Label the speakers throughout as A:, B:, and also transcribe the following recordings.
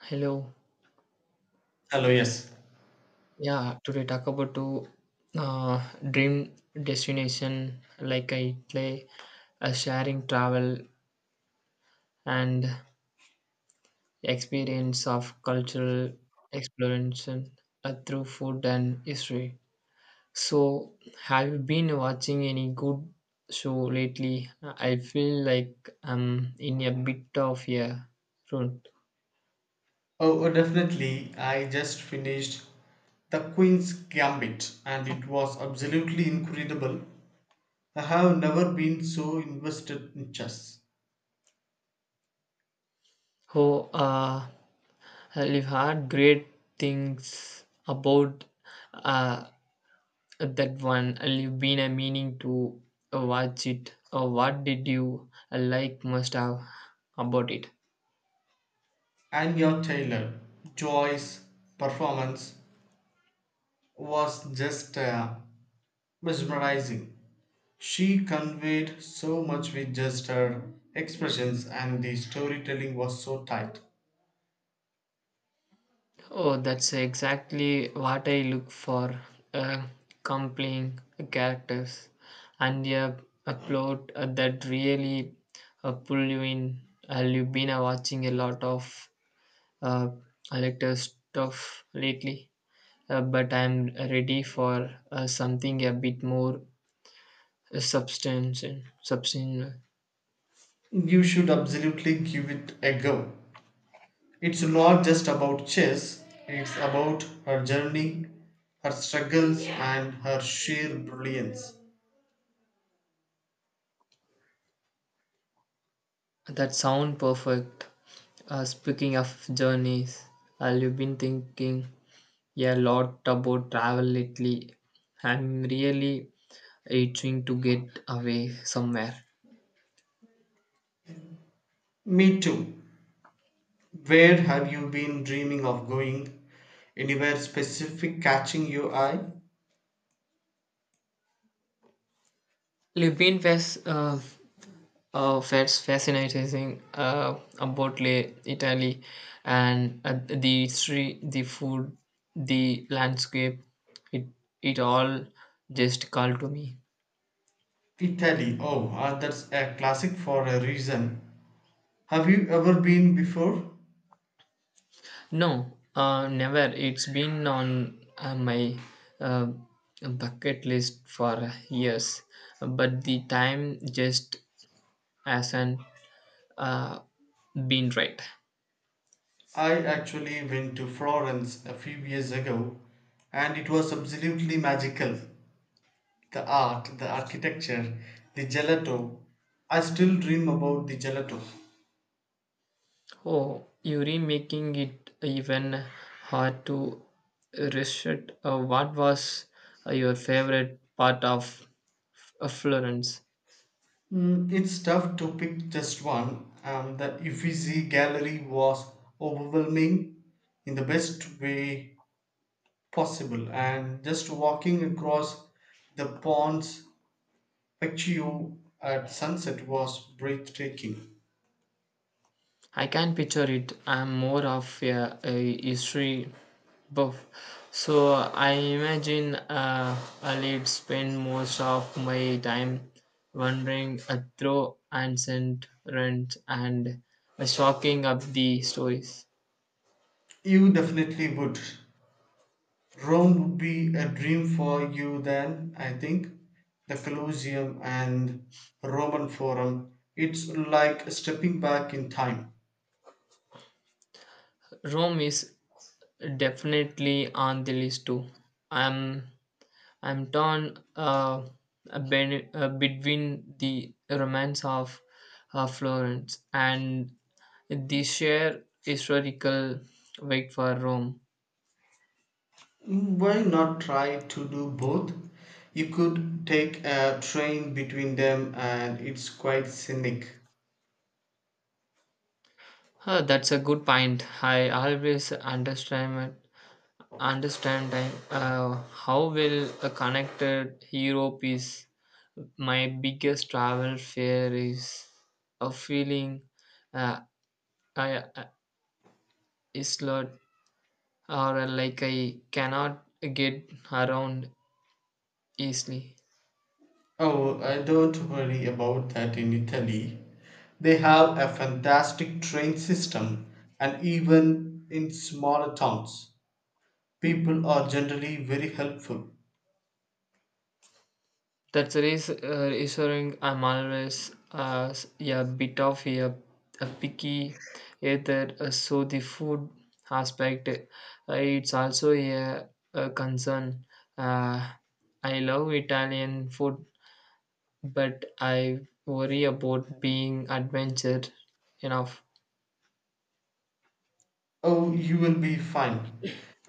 A: Hello.
B: Hello, yes.
A: Yeah, today talk about to uh, dream destination like I play a sharing travel and experience of cultural exploration through food and history. So, have you been watching any good show lately? I feel like I'm in a bit of a rut.
B: Oh, definitely. I just finished The Queen's Gambit and it was absolutely incredible. I have never been so invested in chess.
A: Oh, I've heard great things about uh, that one you've been meaning to watch it. What did you like most of about it?
B: Anya Taylor Joy's performance was just mesmerizing. She conveyed so much with just her expressions, and the storytelling was so tight.
A: Oh, that's exactly what I look for, uh, compelling characters and a plot that really pull you in. You've been watching a lot of uh, elector stuff lately, but I'm ready for something a bit more uh, substance substance.
B: You should absolutely give it a go. It's not just about chess, it's about her journey, her struggles, and her sheer brilliance.
A: That sound perfect. Speaking of journeys, I've been thinking a lot about travel lately. I'm really itching to get away somewhere.
B: Me too. Where have you been dreaming of going? Anywhere specific catching your eye?
A: I've been was fascinating about Italy and the history, the food, the landscape. It it all just called to me.
B: Italy. Oh, that's a classic for a reason. Have you ever been before?
A: No, never. It's been on my uh, bucket list for years, but the time just hasn't uh, been right.
B: I actually went to Florence a few years ago and it was absolutely magical. The art, the architecture, the gelato. I still dream about the gelato.
A: Oh, Yuri making it even hard to resist. What was your favorite part of Florence?
B: It's tough to pick just one. The Uffizi gallery was overwhelming in the best way possible, and just walking across the pons Vecchio at sunset was breathtaking.
A: I can picture it. I'm more of a history buff, so I imagine I'll spend most of my time wandering through ancient ruins and soaking up the stories.
B: You definitely would. Rome would be a dream for you then, I think. The Colosseum and Roman Forum. It's like stepping back in time.
A: Rome is definitely on the list too. I'm I'm torn, between the romance of Florence and the sheer historical wait for Rome.
B: Why not try to do both? You could take a train between them and it's quite scenic.
A: Huh, that's a good point. I always understand how well connected Europe is. My biggest travel fear is a feeling, uh, I, I, isolated or like I cannot get around easily.
B: Oh, I don't worry about that in Italy. They have a fantastic train system, and even in smaller towns, people are generally very helpful.
A: That's reassuring. I'm always a bit of a picky eater, so the food aspect it's also a concern. Uh, I love Italian food, but I worry about being adventure enough.
B: Oh, you will be fine.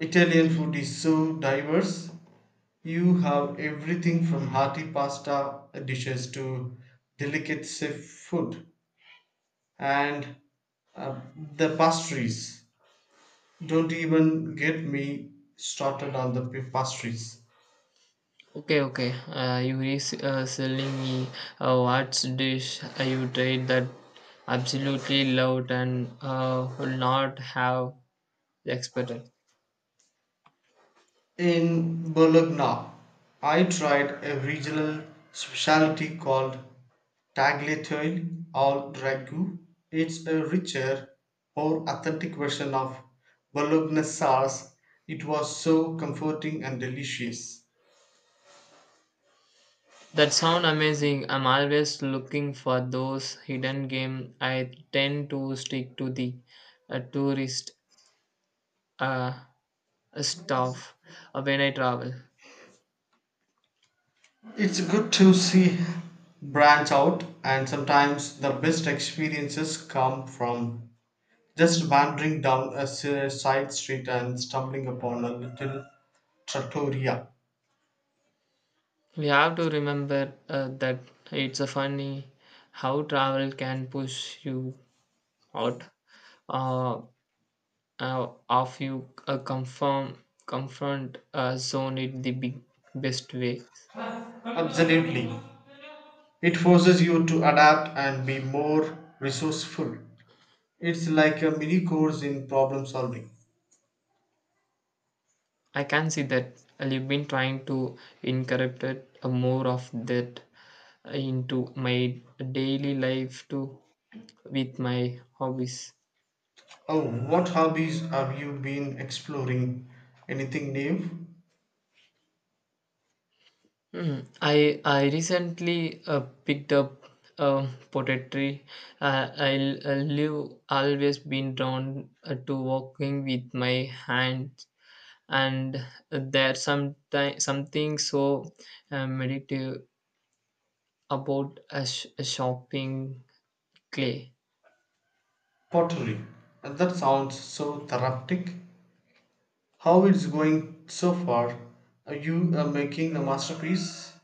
B: Italian food is so diverse. You have everything from hearty pasta dishes to delicate seafood and uh, the pastries. Don't even get me started on the pastries.
A: Okay, okay. You is selling me. What's dish you tried that absolutely loved and would not have expected?
B: In Bologna, I tried a regional specialty called tagliatelle or ragu. It's a richer, more authentic version of Bologna sauce. It was so comforting and delicious.
A: That sound amazing. I'm always looking for those hidden game. I tend to stick to the tourist uh, stuff when I travel.
B: It's good to see branch out, and sometimes the best experiences come from just wandering down a side street and stumbling upon a little trattoria.
A: We have to remember that it's a funny how travel can push you out. Uh, of you confirm confront zone it the big, best way.
B: Absolutely. It forces you to adapt and be more resourceful. It's like a mini course in problem solving.
A: I can see that. I've been trying to incorporate more of that into my daily life too with my hobbies.
B: Oh, what hobbies have you been exploring? Anything new?
A: Mm, I recently picked up poetry. Uh, I, I live always been drawn to working with my hands and there's sometimes something so meditative about a shopping clay.
B: Pottery. And that sounds so therapeutic. How it's going so far? Are you making a masterpiece?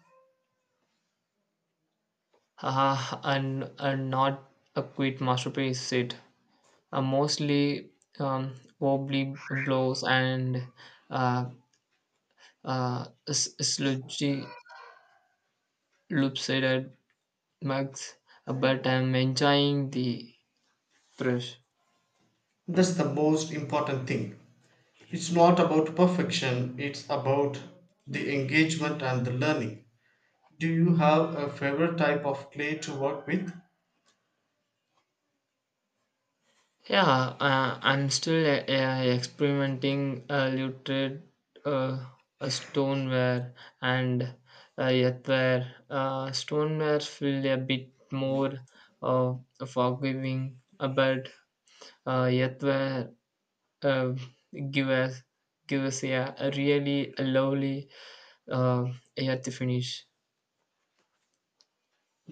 A: Ah, and not a quick masterpiece it mostly wobbly blows and uh, sludgy lopsided mugs, but I'm enjoying the brush.
B: That's the most important thing. It's not about perfection, it's about the engagement and the learning. Do you have a favorite type of clay to work with?
A: Yeah, I'm still experimenting looted uh, a stoneware and earthenware. Stoneware feel a bit more uh, forgiving, but earthenware uh, give us give us yeah, a really lovely uh, earth finish.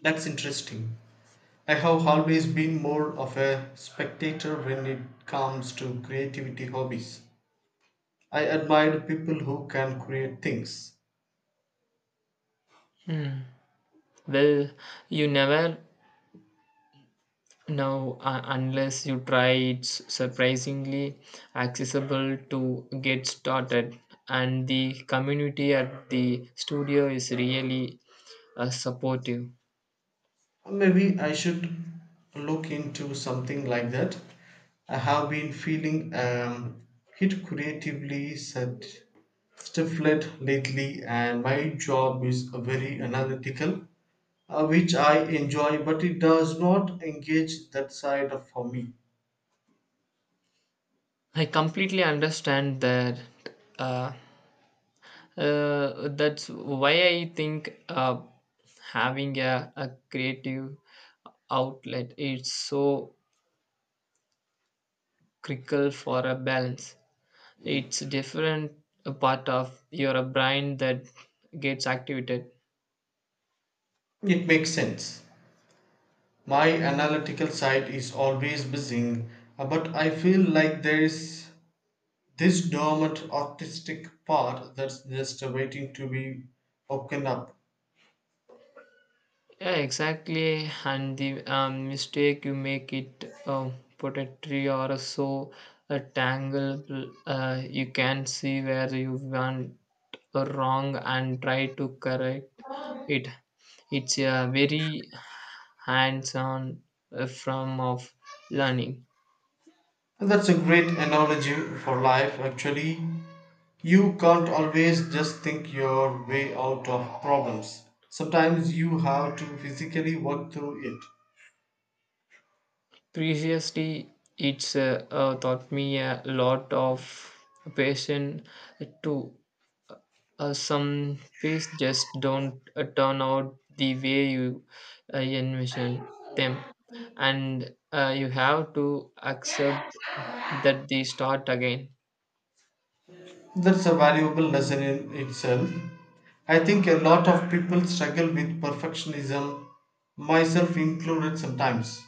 B: That's interesting. I have always been more of a spectator when it comes to creativity hobbies. I admire people who can create things.
A: Hmm. Well, you never. Now, unless you try, it's surprisingly accessible to get started, and the community at the studio is really supportive.
B: Maybe I should look into something like that. I have been feeling hit creatively said stifled lately, and my job is very analytical. Uh, which I enjoy, but it does not engage that side of for me.
A: I completely understand that. Uh, that's why I think having a creative outlet is so critical for a balance. It's different part of your brain that gets activated.
B: It makes sense. My analytical side is always buzzing, but I feel like there is this dormant artistic part that's just waiting to be woken up.
A: Yeah, exactly. And the mistake you make it a pottery or a so a tangle, you can see where you went wrong and try to correct it. It's a very hands-on form of learning.
B: And that's a great analogy for life, actually. You can't always just think your way out of problems. Sometimes you have to physically work through it.
A: Previously, it's taught me a lot of patience too. Some feasts just don't turn out the way you envision them, and you have to accept that they start again.
B: That's a valuable lesson in itself. I think a lot of people struggle with perfectionism, myself included sometimes.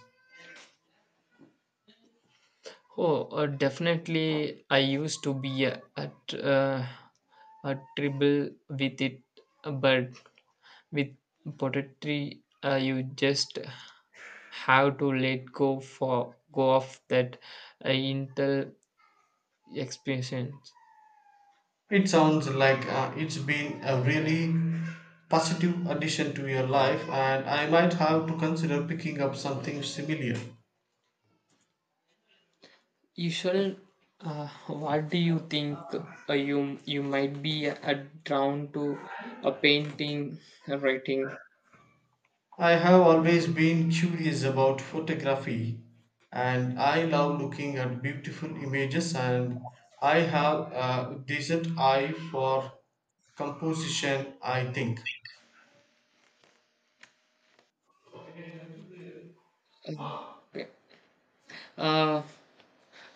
A: Oh, definitely. I used to be a tribble with it, but with poetry, you just have to let go for go off that intel experience.
B: It sounds like it's been a really positive addition to your life, and I might have to consider picking up something similar.
A: Usual, what do you think you might be drawn to? A painting, a writing?
B: I have always been curious about photography, and I love looking at beautiful images, and I have a decent eye for composition, I think.
A: Okay. Uh,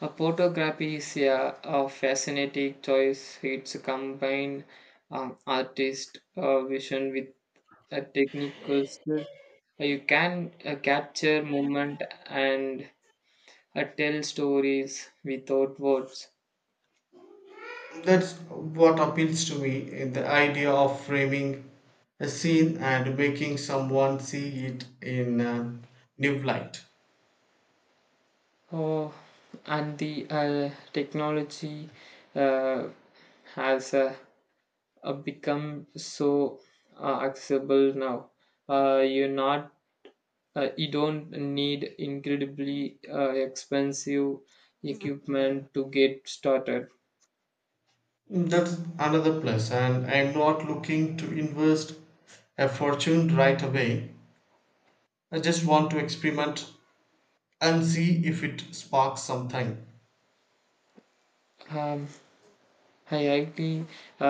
A: a photography is a fascinating choice. It's combine artist vision with a technical skill. You can capture movement and tell stories without words.
B: That's what appeals to me in the idea of framing a scene and making someone see it in a new light.
A: Oh, and the technology uh, has become so accessible now. Uh, you're not, you don't need incredibly expensive. Mhm. Equipment to get started.
B: That's another plus, and I'm not looking to invest a fortune right away. I just want to experiment and see if it sparks something.
A: Um, I highly uh,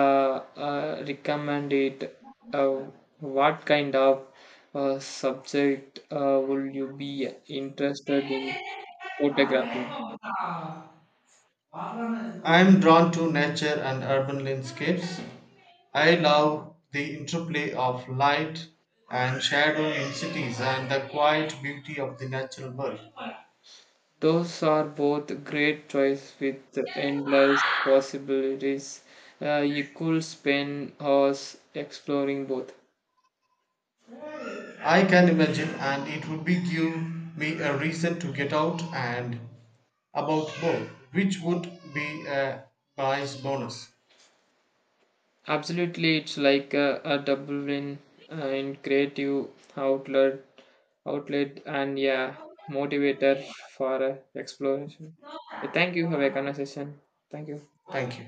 A: recommend it. Uh, what kind of subject will you be interested in photographing?
B: I am drawn to nature and urban landscapes. I love the interplay of light and shadow in cities and the quiet beauty of the natural world.
A: Those are both great choice with endless possibilities. You could spend hours exploring both.
B: I can imagine, and it would be give me a reason to get out and about more, which would be a nice bonus.
A: Absolutely, it's like a double win in creative outlet, outlet, and yeah, motivator for exploration. Yeah, thank you. Have a conversation. Thank you.
B: Thank you.